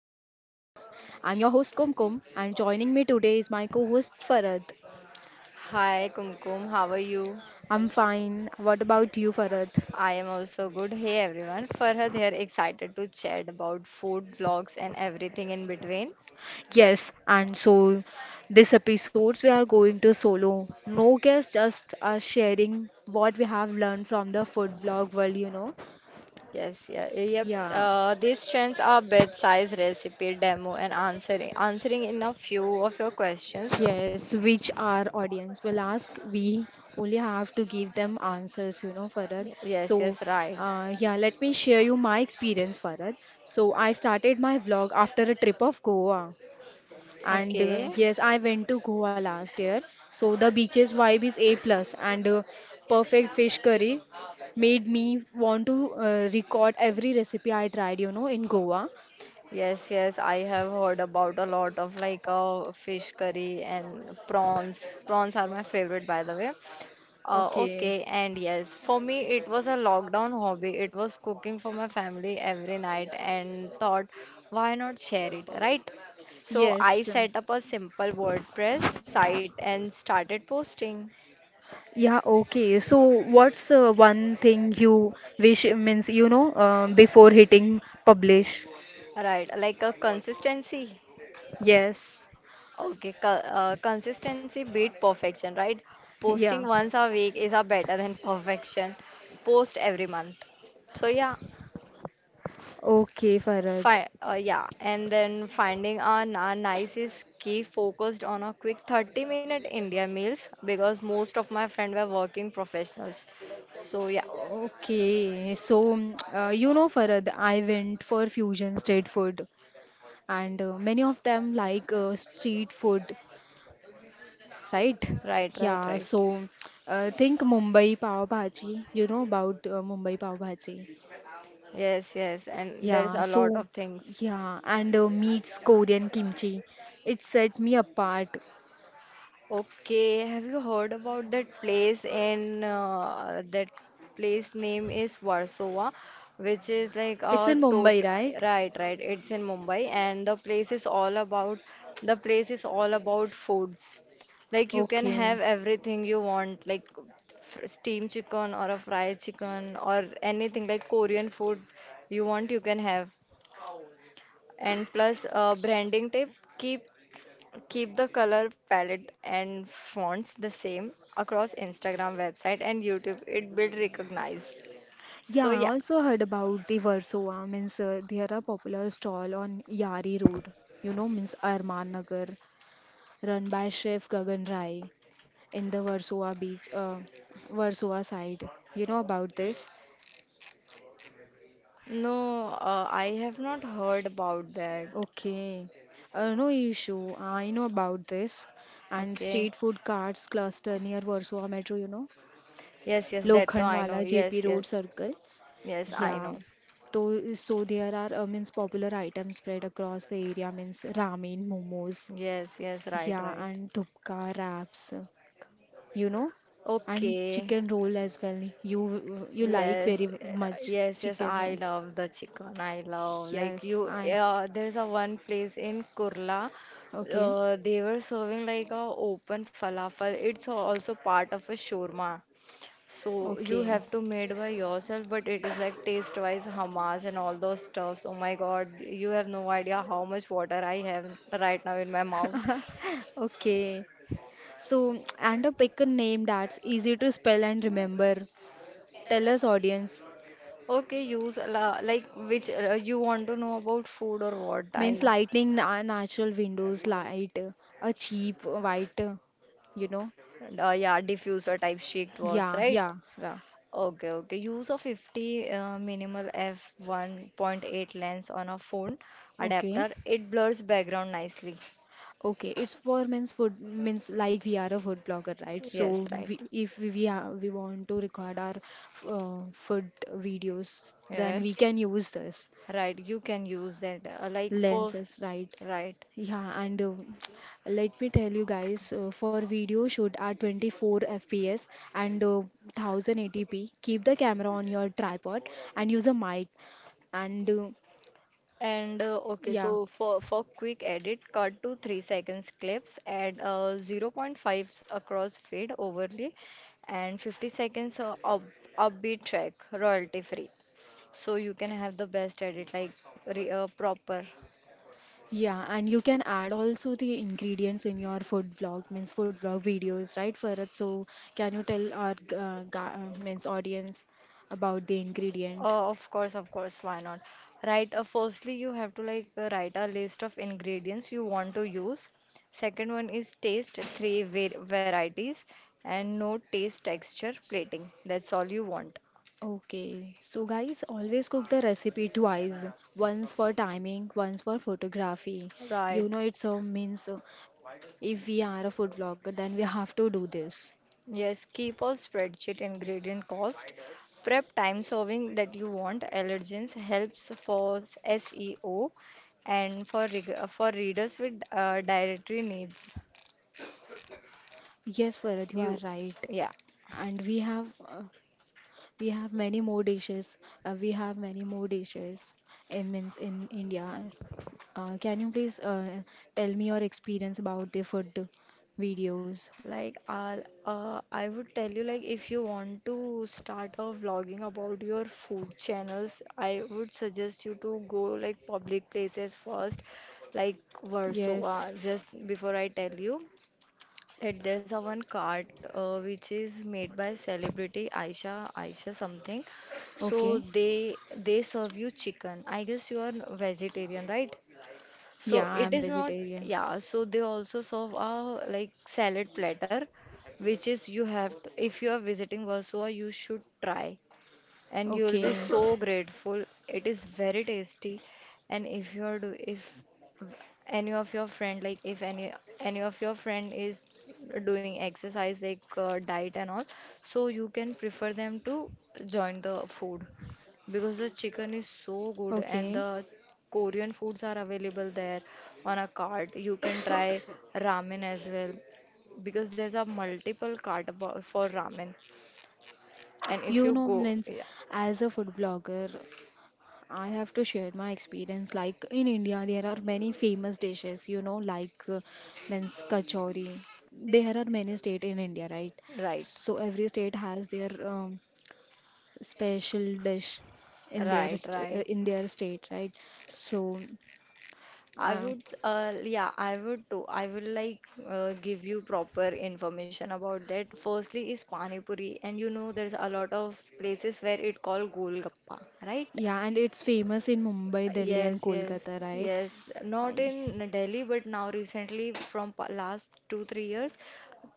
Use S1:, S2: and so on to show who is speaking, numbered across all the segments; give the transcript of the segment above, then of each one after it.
S1: recipes. I'm your host Kumkum, and joining me today is my co host Farad.
S2: Hi Kumkum, how are you?
S1: I'm fine. What about you, Farad?
S2: I am also good. Hey everyone, Farhad here, excited to chat about food vlogs and everything in between.
S1: Yes, and so this episodes we are going to solo. No guests, just us sharing what we have learned from the food blog world, you know.
S2: Yes, yeah, yep.
S1: Yeah.
S2: These trends are bite-sized recipe demo and answering in a few of your questions.
S1: Yes, which our audience will ask. We only have to give them answers, you know, Farad. So,
S2: Yes, yes, right.
S1: yeah, let me share you my experience, Farad. So, I started my vlog after a trip of Goa. And
S2: Okay.
S1: yes, I went to Goa last year. So, the beaches vibe is A plus and perfect fish curry made me want to record every recipe I tried, you know, in Goa.
S2: Yes, yes, I have heard about a lot of fish curry and prawns. Prawns are my favorite, by the way.
S1: Okay.
S2: Okay, and yes, for me it was a lockdown hobby. It was cooking for my family every night and thought, why not share it, right? So I
S1: Yes.
S2: set up a simple WordPress site and started posting,
S1: Yeah, okay. So, what's one thing you wish means, before hitting publish?
S2: right? Like a consistency.
S1: Yes.
S2: Okay, co consistency beat perfection, right? Posting
S1: Yeah.
S2: once a week is a better than perfection. Post every month. So yeah,
S1: Okay, Farad.
S2: Fi yeah, and then finding our nicest key focused on a quick 30-minute India meals because most of my friends were working professionals. So yeah,
S1: Okay. So, you know, Farad, I went for fusion street food, and many of them like street food, right?
S2: right, right,
S1: Yeah.
S2: right.
S1: So, think Mumbai pav bhaji. You know about Mumbai pav bhaji.
S2: Yes, yes, and there's
S1: Yeah,
S2: a lot
S1: so
S2: of things.
S1: yeah, and meats Korean kimchi. It set me apart.
S2: Okay, have you heard about that place in that place name is Warsaw, which is like a
S1: In
S2: tot
S1: Mumbai, right?
S2: right, right. It's in Mumbai, and the place is all about foods. Like you can have
S1: Okay.
S2: everything you want, like steamed chicken or a fried chicken or anything like Korean food you want, you can have. And plus, branding tip, keep Keep the color palette and fonts the same across Instagram, website, and YouTube. It build recognize.
S1: Yeah,
S2: So
S1: I
S2: yeah,
S1: also heard about the Versova. Means there are popular stall on Yari Road. You know, means Arman Nagar, run by chef Gagan Rai in the Versova beach, Versova side. You know about this?
S2: no, I have not heard about that.
S1: Okay. No issue. I know about this. And
S2: Okay.
S1: street food carts cluster near Warsaw Metro, you know.
S2: Yes, yes, that oh, I know.
S1: Lokhandwala, JP
S2: Yes, yes,
S1: Road Circle.
S2: yes, I
S1: Yeah.
S2: know.
S1: So, so there are means popular items spread across the area means ramen, momos,
S2: Yes, yes, right,
S1: yeah,
S2: right.
S1: and thupka wraps, you know, and
S2: Okay.
S1: chicken roll as well. You like
S2: Yes,
S1: very much
S2: yes, yes.
S1: chicken, yeah.
S2: I love the chicken. I love like
S1: Yes,
S2: you.
S1: I.
S2: There's a one place in Kurla.
S1: Okay,
S2: They were serving like a open falafel. It's also part of a shawarma. So you
S1: okay.
S2: have to made by yourself, but it is like taste wise hummus and all those stuffs. Oh my God, you have no idea how much water I have right now in my mouth.
S1: Okay. So, and a pick a name that's easy to spell and remember. Tell us, audience.
S2: Okay, use like which you want to know about food or what
S1: Means
S2: I.
S1: lighting na natural windows light, a cheap white, you know.
S2: Yeah, diffuser type shaped works,
S1: Yeah,
S2: right?
S1: yeah, yeah.
S2: Okay, okay. Use of 50 minimal f1.8 lens on a phone
S1: Okay,
S2: adapter. It blurs background nicely.
S1: okay. It's for means food means like we are a food blogger, right?
S2: Yes,
S1: So
S2: right.
S1: we, if are, we want to record our food videos, then
S2: Yes,
S1: we can use this.
S2: right. You can use that like for
S1: Lenses, right?
S2: right.
S1: Yeah, and let me tell you guys for video shoot at 24 fps and 1080p, keep the camera on your tripod and use a mic and
S2: And okay,
S1: yeah.
S2: so for quick edit, cut to 3 seconds clips, add 0 0.5 across fade overlay and 50 seconds up upbeat track, royalty free. So you can have the best edit like proper.
S1: Yeah, and you can add also the ingredients in your food vlog means food vlog videos, right, Farad? So can you tell our means audience about the ingredient?
S2: Uh, of course, of course, why not? Right, firstly you have to write a list of ingredients you want to use. Second one is taste, three varieties, and no taste, texture, plating, that's all you want,
S1: Okay, so guys, always cook the recipe twice, once for timing, once for photography.
S2: right?
S1: You know, it's a means if we are a food vlogger, then we have to do this.
S2: Yes, keep a spreadsheet: ingredient cost, prep time, serving that you want, allergens, helps for SEO and for for readers with dietary needs.
S1: Yes, Farad, you are
S2: You,
S1: right.
S2: yeah,
S1: And we have many more dishes. We have many more dishes in means in India. Can you please tell me your experience about the food videos?
S2: like I would tell you like if you want to start a vlogging about your food channels, I would suggest you to go like public places first, like Warsaw.
S1: Yes.
S2: Just before I tell you that there's a one cart which is made by celebrity Aisha, Aisha something. So
S1: Okay.
S2: they serve you chicken. I guess you are vegetarian, right? So
S1: Yeah,
S2: it
S1: I'm
S2: is not,
S1: vegetarian.
S2: yeah. So they also serve a like salad platter, which is you have to, if you are visiting Warsaw, you should try, and you will
S1: Okay.
S2: be so grateful. It is very tasty, and if you are do, if any of your friend like if any any of your friend is doing exercise like diet and all, so you can prefer them to join the food because the chicken is so good and
S1: Okay,
S2: the Korean foods are available there on a cart. You can try ramen as well because there's a multiple cart for ramen. And if
S1: you
S2: you
S1: know,
S2: go,
S1: means
S2: yeah,
S1: as a food blogger, I have to share my experience. Like in India, there are many famous dishes, you know, like means kachori. There are many state in India, right?
S2: right,
S1: So every state has their special dish in their
S2: right,
S1: st
S2: right.
S1: in their state, right? So,
S2: I
S1: uh,
S2: would, yeah, I would too. I will give you proper information about that. Firstly is Pani Puri, and you know there's a lot of places where it called Golgappa, right?
S1: yeah, and it's famous in Mumbai, Delhi, and
S2: Yes, yes,
S1: Kolkata, right?
S2: yes.
S1: Uh,
S2: Not in Delhi, but now recently, from last two, 3 years,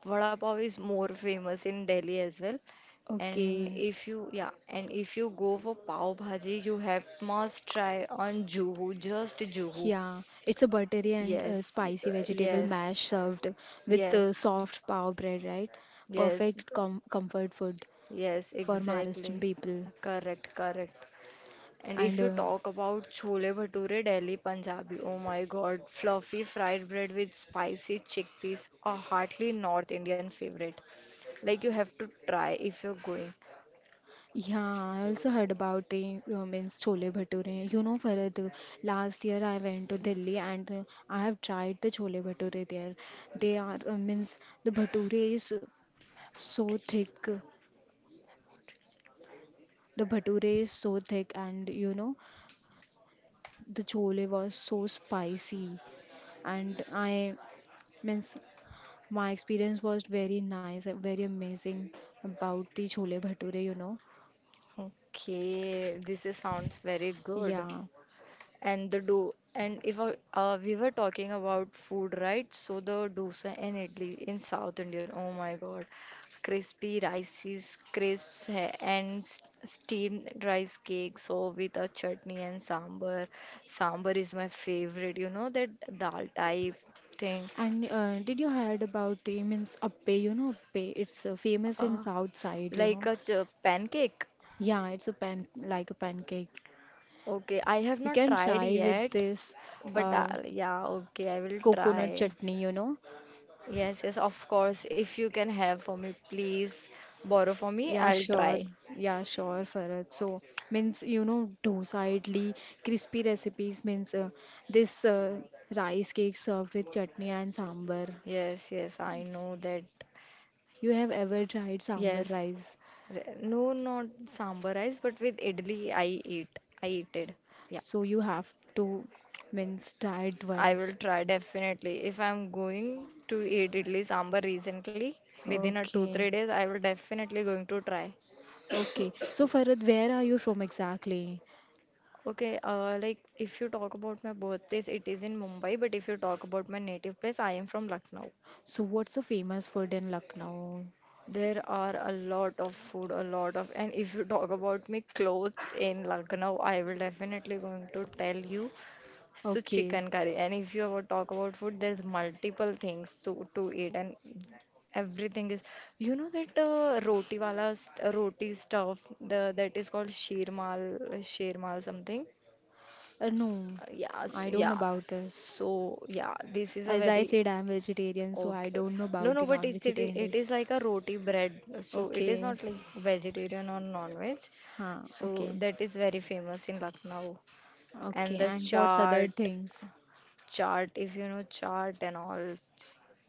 S2: vada pav is more famous in Delhi as well. And
S1: okay.
S2: if you, yeah, and if you go for pav bhaji, you have must try on Juhu, just Juhu.
S1: Yeah, it's a buttery and
S2: Yes,
S1: spicy vegetable
S2: yes,
S1: mash served with
S2: yes,
S1: soft pav bread, right?
S2: yes,
S1: Perfect comfort food
S2: yes,
S1: for Maharashtrian
S2: exactly.
S1: people.
S2: Correct, correct. And
S1: And
S2: if you talk about chole bhature Delhi Punjabi, oh my god, fluffy fried bread with spicy chickpeas, a heartily North Indian favorite. Like you have to try if you're going.
S1: yeah, I also heard about the means chole bhature. You know, Farad, last year I went to Delhi and I have tried the chole bhature there. They are means the so thick. Bhature is so thick, and you know, the chole was so spicy. And I means my experience was very nice, very amazing about the chole bhature, you know.
S2: Okay, this is, sounds very good.
S1: Yeah.
S2: And the do and if we were talking about food, right? So the dosa and idli in South India. Oh my god, crispy rices crisps and steamed rice cake so with a chutney and sambar. Sambar is my favorite, you know that, dal type thing.
S1: And did you heard about the means appe, you know, appe? It's famous in
S2: uh,
S1: south side, you
S2: like
S1: know.
S2: a pancake.
S1: Yeah, it's a pan like a pancake.
S2: Okay, I have
S1: You
S2: not
S1: can
S2: tried
S1: try with
S2: yet,
S1: this
S2: but
S1: uh,
S2: yeah, okay, I will
S1: coconut
S2: try.
S1: chutney, you know.
S2: Yes, yes, of course. If you can have for me, please borrow for me.
S1: Yeah,
S2: I'll
S1: sure.
S2: try.
S1: Yeah, sure, Farad. So, means, you know, dosadly crispy recipes means this rice cake served with chutney and sambar.
S2: Yes, yes, I know that.
S1: You have ever tried sambar
S2: Yes.
S1: rice?
S2: No, not sambar rice, but with idli, I eat. I eat it. Yeah,
S1: So, you have to means try it
S2: I will
S1: once.
S2: try definitely. If I'm going to eat idli sambar recently, within a two, three
S1: Okay.
S2: days, I will definitely going to try.
S1: Okay. So, Farad, where are you from exactly?
S2: Okay, like if you talk about my birthplace, it is in Mumbai, but if you talk about my native place, I am from Lucknow.
S1: So, what's the famous food in Lucknow?
S2: There are a lot of food, a lot of, and if you talk about me clothes in Lucknow, I will definitely going to tell you. So
S1: Okay.
S2: chicken curry, and if you ever talk about food, there's multiple things to eat, and everything is. You know that roti wala roti stuff, the that is called sheermal, sheermal something.
S1: No, I don't know
S2: Yeah.
S1: about this.
S2: So yeah, this is a
S1: As I
S2: very
S1: said, I'm vegetarian, so I
S2: Okay.
S1: don't know
S2: No,
S1: about
S2: no,
S1: the
S2: but it's, it,
S1: non-vegetarian
S2: it
S1: dish.
S2: is like a roti bread. So it is
S1: Okay,
S2: not like vegetarian or non-veg.
S1: huh,
S2: So
S1: okay,
S2: that is very famous in Lucknow. And
S1: okay.
S2: the
S1: And what's other
S2: chaat,
S1: things?
S2: chaat, if you know chaat and all,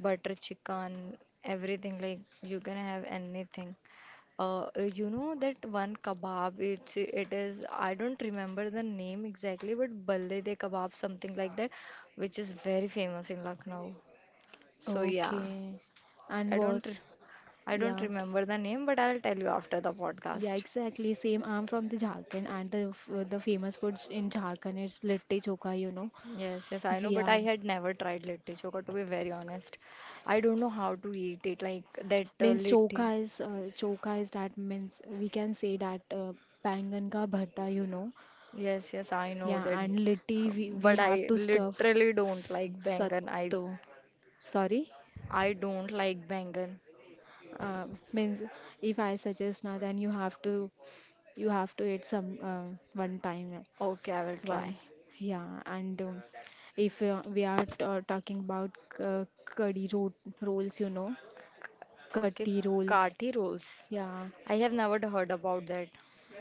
S2: butter chicken, everything like you can have anything. Uh, you know that one kebab, it's, it is, I don't remember the name exactly, but Balle de Kebab, something like that, which is very famous in Lucknow. So yeah,
S1: Okay,
S2: I
S1: and
S2: don't.
S1: what's
S2: I
S1: yeah,
S2: don't
S1: okay.
S2: remember the name, but I'll tell you after the
S1: Yeah,
S2: podcast.
S1: exactly. Same. I'm from the Jharkhand, and the the famous food in Jharkhand is litti Chokha. You know,
S2: Yes, yes, I know,
S1: we
S2: but I
S1: are
S2: had never tried litti chokha to be very honest. I don't know how to eat it, like that
S1: means
S2: litti.
S1: Chokha is choka is that means we can say that bangan ka bharta. You know.
S2: Yes, yes, I know
S1: Yeah,
S2: that,
S1: and Litty, we, we
S2: but
S1: have
S2: I
S1: to stuff
S2: literally don't like bangan.
S1: Satto. Sorry?
S2: I don't like bangan.
S1: Uh, Means if I suggest now, then you have to eat some one time
S2: Okay, I will try.
S1: once. Yeah, and if we are talking about curry ro rolls, you know,
S2: Okay,
S1: curry rolls.
S2: kati rolls.
S1: Yeah.
S2: I have never heard about that.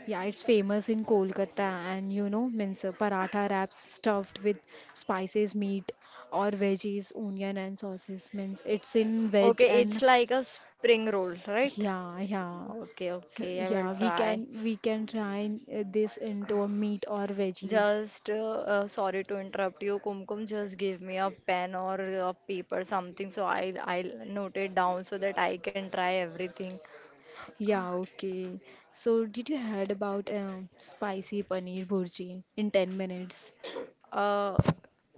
S1: Yeah, it's famous in Kolkata, and you know, means paratha wraps stuffed with spices, meat or veggies, onion and sauces. Means it's in veg
S2: Okay, it's
S1: and
S2: like a spring roll, right?
S1: yeah, yeah,
S2: Okay, okay, I will
S1: yeah. We
S2: try.
S1: can we can try this into a meat or veggies.
S2: Just Sorry to interrupt you, Kumkum. Just give me a pen or a paper, something, so I'll note it down so that I can try everything.
S1: Yeah, okay. So did you heard about spicy paneer burji in 10 minutes?
S2: Uh,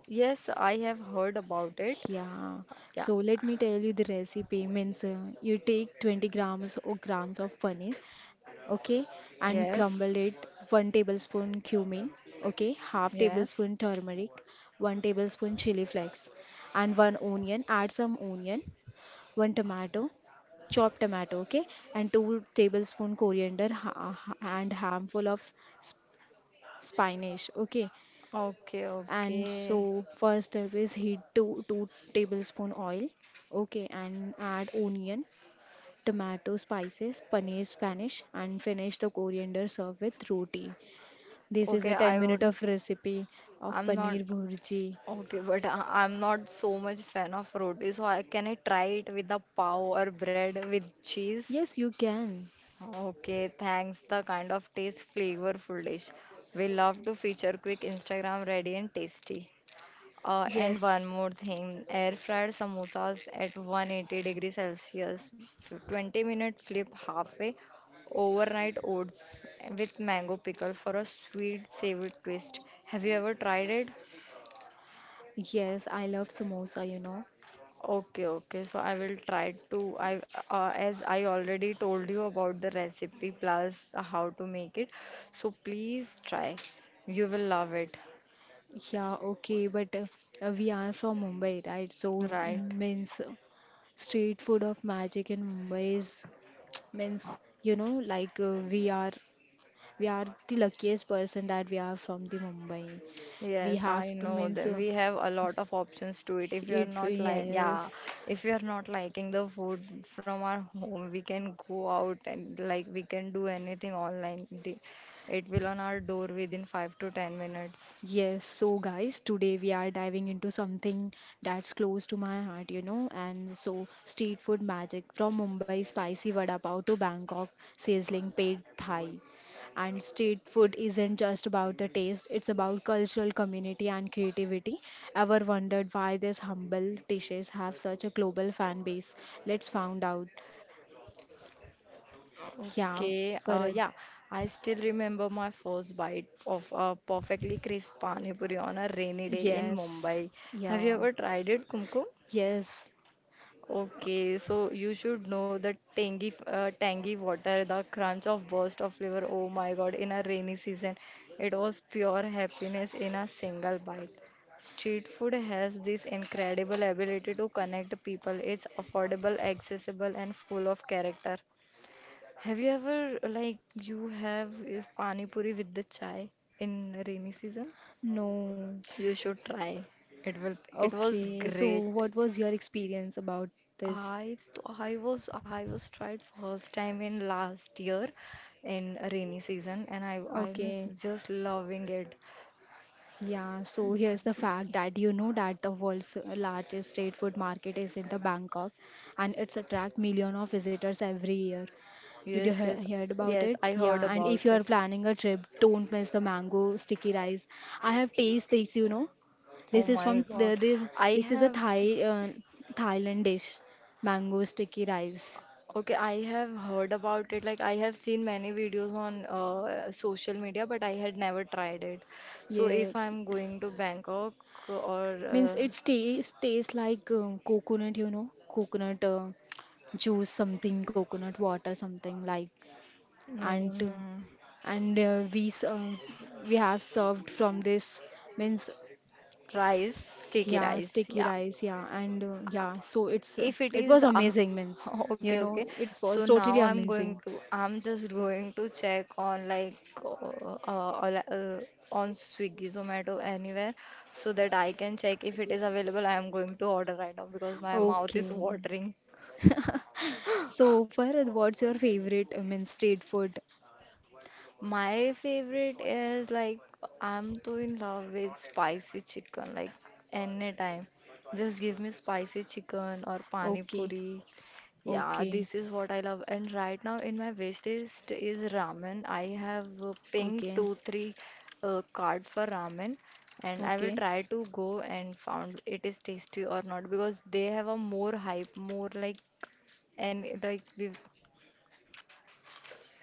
S2: yes, I have heard about it.
S1: Yeah,
S2: Yeah.
S1: so let me tell you the recipe means you take 20 grams or grams of paneer, okay, and
S2: Yes.
S1: crumble it, one tablespoon cumin, okay, half
S2: Yes.
S1: tablespoon turmeric, one tablespoon chili flakes, and one onion. Add some onion, one tomato, chopped tomato, okay, and two tablespoon coriander and handful of spinach, okay,
S2: Okay.
S1: and so
S2: Okay.
S1: first step is heat two tablespoon oil, okay, and add onion, tomato, spices, paneer, spanish, and finish the coriander, serve with roti. This is
S2: Okay.
S1: a 10
S2: I
S1: minute
S2: would.
S1: of recipe of
S2: I'm not
S1: paneer bhurji.
S2: okay, but I, I'm not so much fan of roti, so I try it with a pav or bread with cheese?
S1: Yes, you can.
S2: Okay, thanks. The kind of taste flavorful dish. We love to feature quick Instagram ready and tasty. And one
S1: Yes,
S2: more thing, air fried samosas at 180 degrees Celsius, 20-minute flip halfway, overnight oats with mango pickle for a sweet savory twist. Have you ever tried it?
S1: yes, I love samosa, you know.
S2: Okay, okay. So I will try to I as I already told you about the recipe plus how to make it. So please try. You will love it,
S1: Yeah, okay, but we are from Mumbai, right? So
S2: right?
S1: means street food of magic in Mumbai is means you know like we are the luckiest person that we are from the Mumbai. We
S2: Yes,
S1: have
S2: I
S1: to
S2: know
S1: means
S2: that we have a lot of options to it. If you are
S1: it
S2: not like, yeah,
S1: yes.
S2: if you are not liking the food from our home, we can go out and like we can do anything online. The- It will on our door within 5 to 10 minutes.
S1: Yes. So guys, today we are diving into something that's close to my heart, you know. And so street food magic from Mumbai spicy vada pav to Bangkok sizzling paid Thai. And street food isn't just about the taste, it's about cultural community and creativity. Ever wondered why these humble dishes have such a global fan base? Let's find out. Yeah,
S2: Okay,
S1: Farad.
S2: yeah, I still remember my first bite of a perfectly crisp pani puri on a rainy day in
S1: Yes.
S2: Mumbai. Have you
S1: Yeah.
S2: ever tried it, Kumkum?
S1: Yes.
S2: Okay, so you should know the tangy, tangy water, the crunch of burst of flavor. Oh my God, in a rainy season, it was pure happiness in a single bite. Street food has this incredible ability to connect people. It's affordable, accessible, and full of character. Have you ever like you have pani puri with the chai in rainy season?
S1: No.
S2: You should try. It will it was
S1: Okay. So,
S2: great.
S1: what was your experience about this?
S2: I was tried first time in last year in rainy season and I'm
S1: Okay.
S2: just loving it.
S1: Yeah, so here's the fact that you know that the world's largest street food market is in the Bangkok and it's attract million of visitors every year. Did you
S2: Yes, yes,
S1: heard about
S2: yes,
S1: it?
S2: I
S1: Yeah,
S2: heard
S1: and
S2: about
S1: if you
S2: it.
S1: are planning a trip, don't miss the mango sticky rice. I have tasted this, you know.
S2: Oh
S1: This is
S2: my
S1: from
S2: god.
S1: the, this
S2: I
S1: this is a
S2: have
S1: Thai Thailand dish, mango sticky rice.
S2: okay, I have heard about it. Like I have seen many videos on social media, but I had never tried it. So if
S1: Yes.
S2: I'm going to Bangkok or
S1: Means it tastes like coconut, you know, coconut juice, something, coconut water, something like,
S2: no,
S1: and
S2: no,
S1: and uh, we s- uh, we have served from this means
S2: rice, sticky
S1: yeah,
S2: rice.
S1: sticky
S2: Yeah.
S1: rice, yeah, and yeah, so it's
S2: If it
S1: it was
S2: is
S1: amazing, means
S2: okay,
S1: you know,
S2: okay.
S1: it
S2: So
S1: was totally
S2: now
S1: amazing.
S2: I'm just going to check on like uh, uh, uh, uh, on Swiggy, Zomato, anywhere so that I can check if it is available. I am going to order right now because my mouth is
S1: Okay,
S2: watering.
S1: so Farhad, what's your favorite means street food?
S2: My favorite is like I'm too in love with spicy chicken like anytime. Just give me spicy chicken or pani
S1: Okay,
S2: puri. Yeah,
S1: okay,
S2: this is what I love. And right now in my wish list is ramen. I have pinged
S1: okay,
S2: two, three card for ramen, and I will
S1: okay,
S2: try to go and found it is tasty or not because they have a more hype, more like and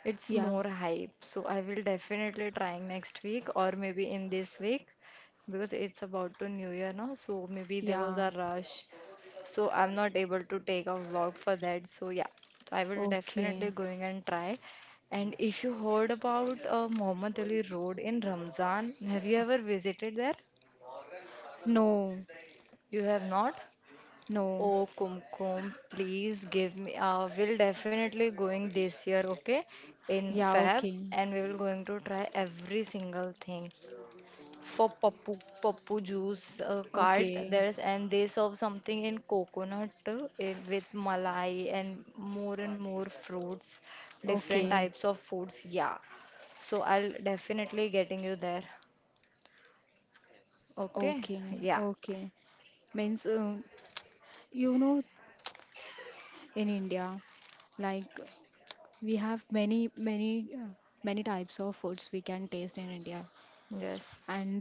S2: it's
S1: yeah,
S2: more hype. So I will definitely try next week or maybe in this week because it's about to New Year now. So maybe there was
S1: yeah.
S2: a rush so I'm not able to take a vlog for that. So yeah, so I will definitely
S1: Okay.
S2: going and try. And if you heard about Muhammad Ali Road in Ramzan, have you ever visited there?
S1: No.
S2: You have not?
S1: No.
S2: Oh, Kumkum, please give me. We'll definitely going this year, okay? In
S1: Yeah,
S2: Feb,
S1: okay.
S2: and we will going to try every single thing. For Papu Papu juice cart
S1: Okay.
S2: there's and they serve something in coconut with malai and more fruits, different
S1: Okay.
S2: types of foods. Yeah, so I'll definitely getting you there. Okay,
S1: Okay.
S2: yeah,
S1: Okay. Means, you know, in India, like we have many types of foods we can taste in India.
S2: yes,
S1: And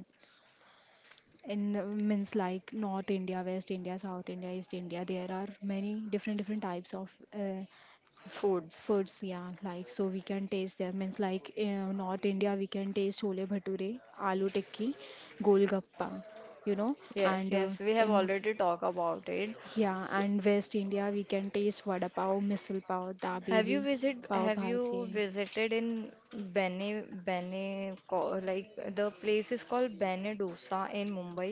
S1: in means like North India, West India, South India, East India, there are many different, different types of
S2: foods.
S1: foods. Yeah, like so we can taste them means like north india we can taste chole bhature, aloo tikki, golgappa, you know.
S2: Yes,
S1: And
S2: yes, we
S1: in
S2: have already talked about it.
S1: yeah,
S2: So,
S1: and west india we can taste vada pav, misal pav, dabeli, pav
S2: have you
S1: bhaji.
S2: visited in like the place is called Bene Dosa in Mumbai?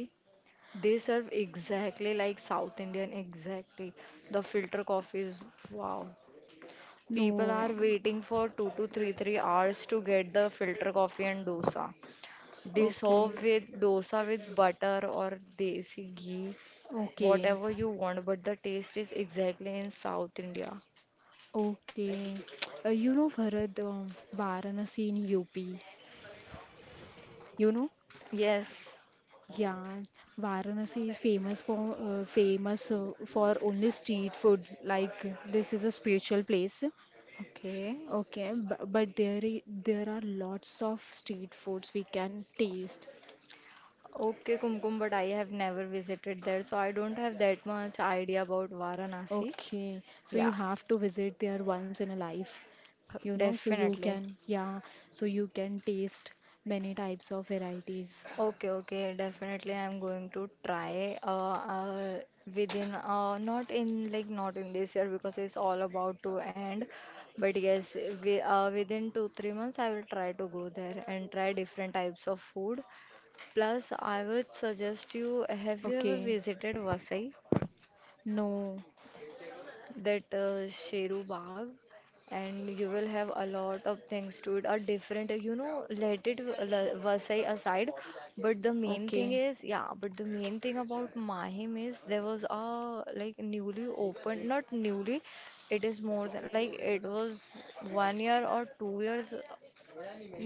S2: They serve exactly like South Indian, exactly. The filter coffee is wow. People are
S1: No.
S2: waiting for two to three hours to get the filter coffee and dosa. They
S1: Okay,
S2: serve with dosa with butter or desi ghee,
S1: okay,
S2: whatever you want, but the taste is exactly in South India.
S1: okay. Uh, you know bharat varanasi in up, you know.
S2: Yes.
S1: Yeah, Varanasi is famous for famous for only street food. Like this is a spiritual place.
S2: Okay.
S1: Okay, but there are lots of street foods we can taste.
S2: Okay, Kumkum, but I have never visited there, so I don't have that much idea about Varanasi.
S1: Okay, so you
S2: Yeah,
S1: have to visit there once in a life, you know, so you
S2: definitely.
S1: can yeah, so you can taste many types of varieties.
S2: Okay, okay, definitely I'm going to try within not in like not in this year because it's all about to end. But yes, we within 2 3 months I will try to go there and try different types of food. Plus, I would suggest you have you ever
S1: Okay,
S2: visited Vasai?
S1: no,
S2: That Sheru Bagh, and you will have a lot of things to it. Are different, you know, let it Vasai aside. But the main thing
S1: okay.
S2: is, yeah, but the main thing about Mahim is there was a like newly opened, not newly, it is more than like it was 1 year or 2 years.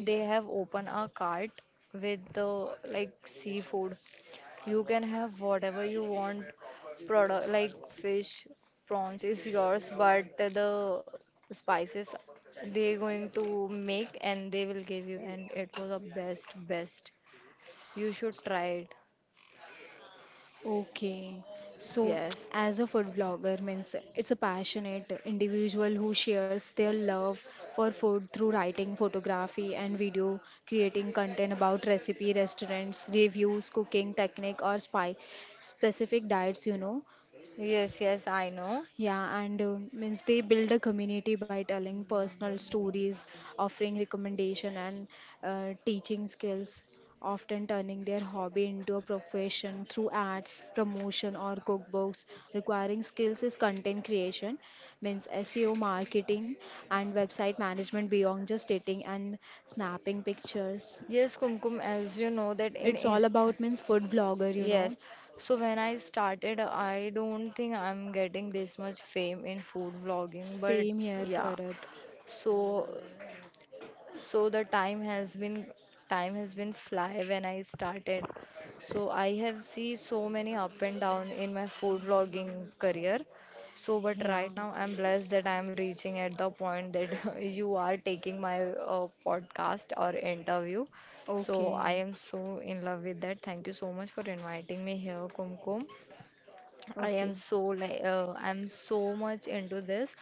S2: They have opened a cart with the like seafood. You can have whatever you want, product like fish, prawns is yours, but the spices they going to make and they will give you, and it was the best, best. You should try it.
S1: Okay. So,
S2: Yes,
S1: as a food vlogger means it's a passionate individual who shares their love for food through writing, photography, and video, creating content about recipe, restaurants, reviews, cooking technique, or spy specific diets, you know.
S2: yes, yes, I know.
S1: Yeah, and means they build a community by telling personal stories, offering recommendation and teaching skills, often turning their hobby into a profession through ads, promotion or cookbooks. Requiring skills is content creation, means SEO marketing and website management beyond just dating and snapping pictures.
S2: Yes, Kumkum, as you know that
S1: It's all
S2: in
S1: about means food blogger, you know.
S2: yes. So when I started, I don't think I'm getting this much fame in food vlogging, but
S1: Same here,
S2: yeah.
S1: Farad.
S2: So So the time has been fly when I started. So I have see so many up and down in my food vlogging career. So but
S1: Yeah.
S2: right now I'm blessed that I'm reaching at the point that you are taking my podcast or interview. So I
S1: Okay.
S2: am so in love with that. Thank you so much for inviting me here, Kumkum. I am
S1: Okay.
S2: so like I'm so much into this.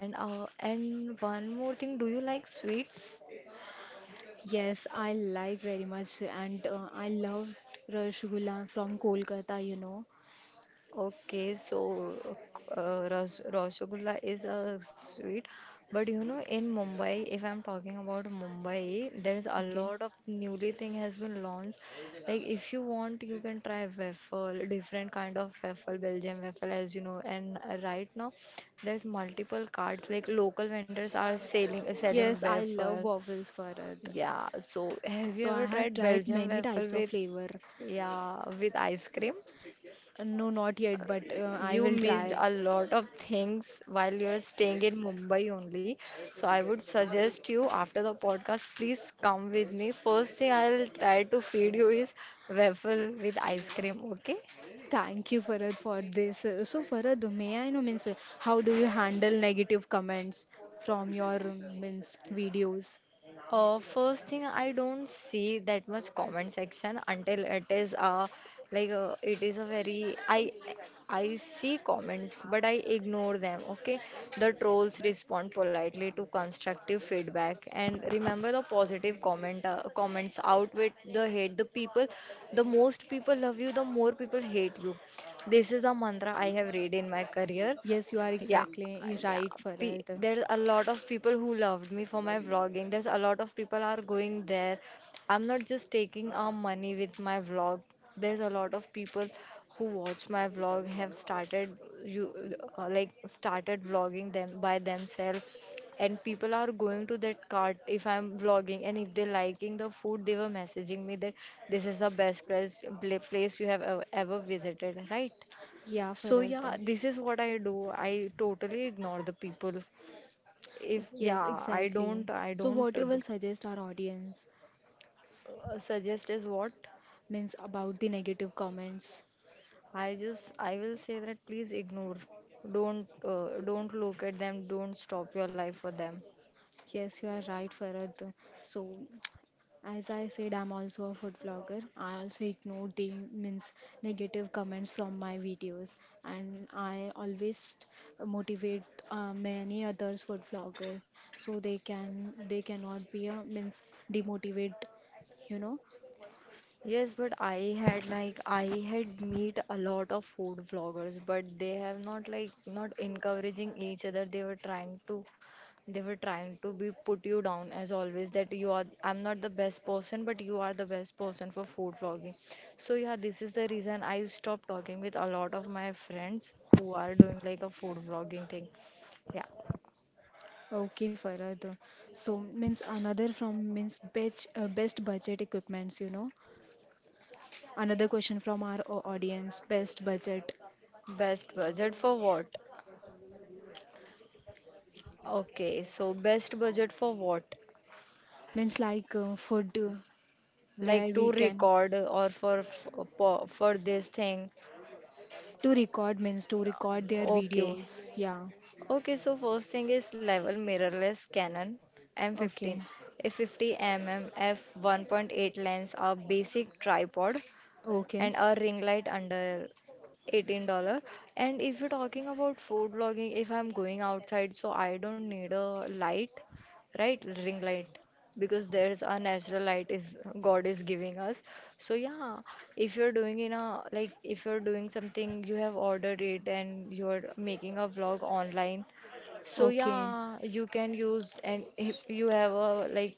S2: And one more thing, do you like sweets?
S1: Yes, I like very much, and I loved Rasgulla from Kolkata, you know.
S2: Okay, so rasgulla is a sweet, but you know, in Mumbai, if I'm talking about Mumbai, there's a
S1: Okay.
S2: lot of newly thing has been launched. Like if you want, you can try waffle, different kind of waffle, Belgian waffle, as you know. And right now, there's multiple cards. Like local vendors are selling
S1: Yes, I love
S2: waffle.
S1: waffles, Farad.
S2: Yeah. So have you
S1: So I
S2: ever
S1: have
S2: tried
S1: tried
S2: Belgian
S1: many
S2: waffle
S1: types of
S2: with
S1: flavor.
S2: yeah with ice cream?
S1: No, not yet, but I
S2: You
S1: will
S2: missed
S1: try.
S2: a lot of things while you're staying in Mumbai only. So I would suggest you after the podcast, please come with me. First thing I'll try to feed you is waffle with ice cream, okay?
S1: Thank you, Farad, for this. So Farad, may I know means how do you handle negative comments from your means videos?
S2: First thing, I don't see that much comment section until it is like it is a very I see comments but I ignore them. Okay, the trolls respond politely to constructive feedback and remember the positive comments outweigh the hate. The people, the most people love you, the more people hate you. This is a mantra I have read in my career.
S1: Yes, you are
S2: Yeah,
S1: exactly
S2: yeah.
S1: right,
S2: Pe
S1: Farad.
S2: there's a lot of people who loved me for my vlogging. There's a lot of people are going there. I'm not just taking our money with my vlog. There's a lot of people who watch my vlog have started you like started vlogging them by themselves and people are going to that cart if I'm vlogging and if they're liking the food they were messaging me that this is the best place place you have ever, ever visited, right?
S1: Yeah,
S2: So
S1: Farad.
S2: yeah, this is what I do. I totally ignore the people. If
S1: Yes,
S2: yeah,
S1: exactly.
S2: I
S1: So,
S2: don't
S1: what you will suggest our audience
S2: suggest is what.
S1: means about the negative comments.
S2: I just I will say that please ignore. Don't look at them. Don't stop your life for them.
S1: Yes, you are right, Farad. So, as I said, I'm also a food vlogger. I also ignore the means negative comments from my videos, and I always motivate many others food vlogger so they cannot be a means demotivate, you know.
S2: Yes, but I had like I had meet a lot of food vloggers, but they have not like not encouraging each other. They were trying to be put you down as always that you are I'm not the best person, but you are the best person for food vlogging. So yeah, this is the reason I stopped talking with a lot of my friends who are doing like a food vlogging thing. Yeah.
S1: Okay, Farhad. So means another from means best best budget equipments, you know. Another question from our audience, best budget
S2: Best budget for what? Okay, so best budget for what?
S1: means like food where
S2: Like
S1: we
S2: to
S1: can
S2: record or for for this thing.
S1: to record means to record their
S2: Okay,
S1: videos. Yeah.
S2: okay, so first thing is level mirrorless canon
S1: Okay.
S2: M15, a 50 mm f 1.8 lens, a basic tripod,
S1: Okay.
S2: and a ring light under $18. And if you're talking about food vlogging, if I'm going outside, so I don't need a light, right, ring light, because there's a natural light is god is giving us. So yeah, if you're doing in a like if you're doing something you have ordered it and you're making a vlog online, so
S1: Okay.
S2: yeah you can use. And if you have a like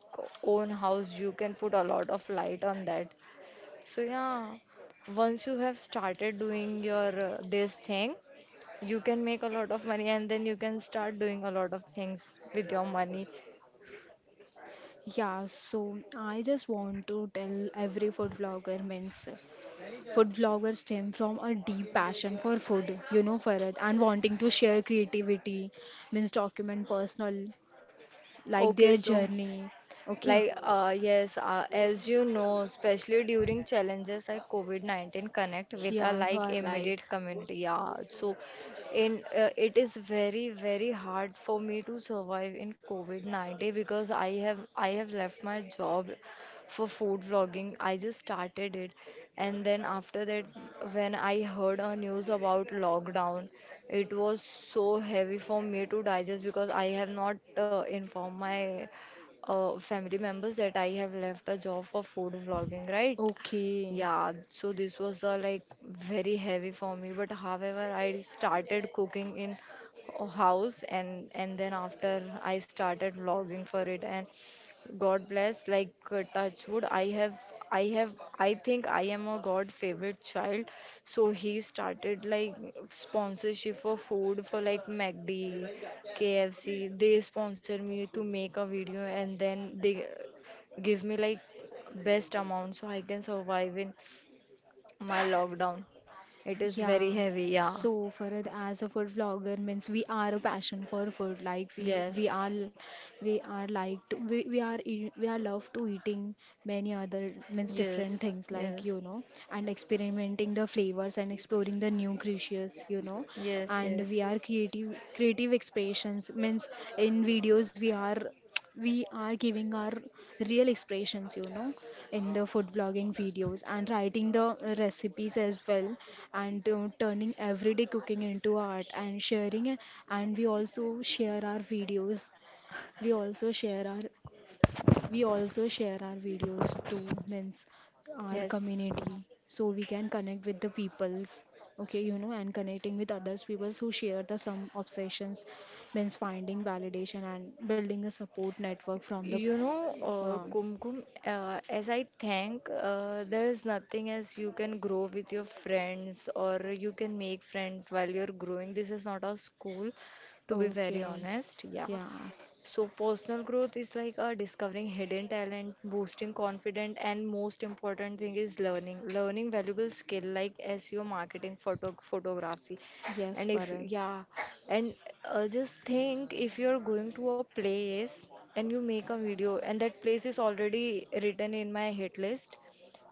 S2: own house you can put a lot of light on that. So yeah, once you have started doing your this thing, you can make a lot of money and then you can start doing a lot of things with your money.
S1: Yeah, so I just want to tell every food vlogger means food bloggers stem from a deep passion for food, you know, Farad, and wanting to share creativity, means document personal, like
S2: Okay,
S1: their
S2: so
S1: journey. Okay.
S2: like, yes, as you know, especially during challenges like COVID-19, connect with a
S1: Yeah, you
S2: like
S1: are right.
S2: immediate community. Yeah, so in it is very very hard for me to survive in COVID-19 because I have left my job for food vlogging. I just started it, and then after that, when I heard a news about lockdown, it was so heavy for me to digest because I have not informed my family members that I have left a job for food vlogging, right?
S1: Okay.
S2: Yeah, so this was like very heavy for me, but however, I started cooking in a house and then after I started vlogging for it and God bless, like touch wood, I have I think I am a God favorite child, so he started like sponsorship for food for like McD, KFC. They sponsor me to make a video and then they give me like best amount so I can survive in my lockdown. It is very
S1: Yeah.
S2: heavy, yeah.
S1: So Farad, as a food vlogger, means we are a passion for food. Like we
S2: Yes,
S1: are we are like to, we are we are love to eating many other means
S2: yes,
S1: different things, like,
S2: yes,
S1: you know, and experimenting the flavors and exploring the new creatures, you know,
S2: yes,
S1: and we
S2: yes,
S1: are creative expressions means in videos we are giving our real expressions, you know, in the food vlogging videos and writing the recipes as well, and turning everyday cooking into art and sharing it. And we also share our videos, we also share our we also share our videos to means our
S2: yes.
S1: community so we can connect with the peoples. Okay, you know, and connecting with others peoples who share the some obsessions means finding validation and building a support network from the
S2: You know,
S1: um,
S2: Kumkum, as I think, there is nothing as you can grow with your friends or you can make friends while you're growing. This is not a school, to be very
S1: okay.
S2: honest. Yeah.
S1: Yeah.
S2: So, personal growth is like discovering hidden talent, boosting confidence, and most important thing is learning. Learning valuable skill like SEO, marketing, photography,
S1: Yes,
S2: and if
S1: Farad.
S2: yeah, and just think if you're going to a place and you make a video and that place is already written in my hit list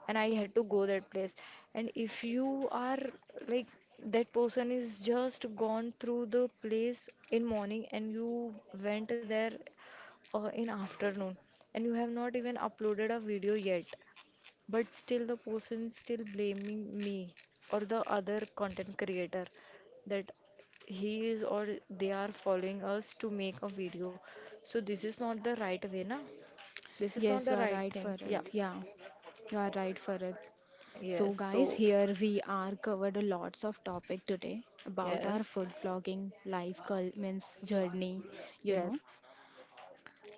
S2: and I had to go that place. And if you are like that person is just gone through the place in morning and you went there in afternoon and you have not even uploaded a video yet, but still the person still blaming me or the other content creator that he is or they are following us to make a video. So this is not the right way, na? This is
S1: Yes,
S2: not
S1: you
S2: the
S1: are
S2: right
S1: right,
S2: thing. Yeah.
S1: Farad. Yeah. You are right, Farad. So,
S2: Yes.
S1: guys,
S2: So
S1: here we are covered a lots of topic today about our
S2: yes.
S1: food vlogging life means journey, you know,
S2: Yes,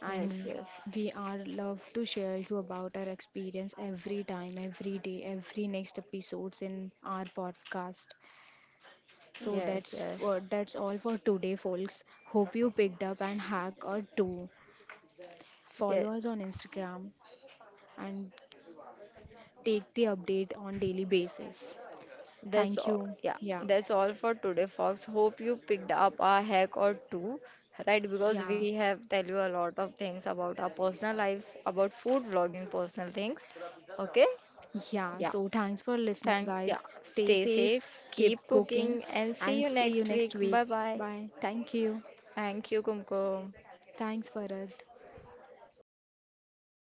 S2: yes, yes,
S1: we are love to share you about our experience every time, every day, every next episodes in our podcast. So
S2: yes, yes,
S1: that's all for today, folks. Hope you picked up and hack or two.
S2: yes.
S1: Follow us on Instagram and take the update on daily basis.
S2: That's
S1: Thank
S2: all.
S1: you.
S2: Yeah,
S1: Yeah.
S2: that's all for today, folks. Hope you picked up a hack or two, right? Because
S1: Yeah.
S2: we have tell you a lot of things about our personal lives, about food vlogging, personal things. Okay?
S1: Yeah.
S2: Yeah.
S1: So thanks for listening,
S2: Thanks. Yeah.
S1: guys. Stay
S2: Stay
S1: safe,
S2: safe,
S1: keep
S2: keep
S1: cooking,
S2: cooking, and
S1: and
S2: see you
S1: see you
S2: next
S1: next
S2: week.
S1: week.
S2: Bye bye.
S1: Bye. Thank you.
S2: Thank you, Kumkum.
S1: Thanks, Bharat.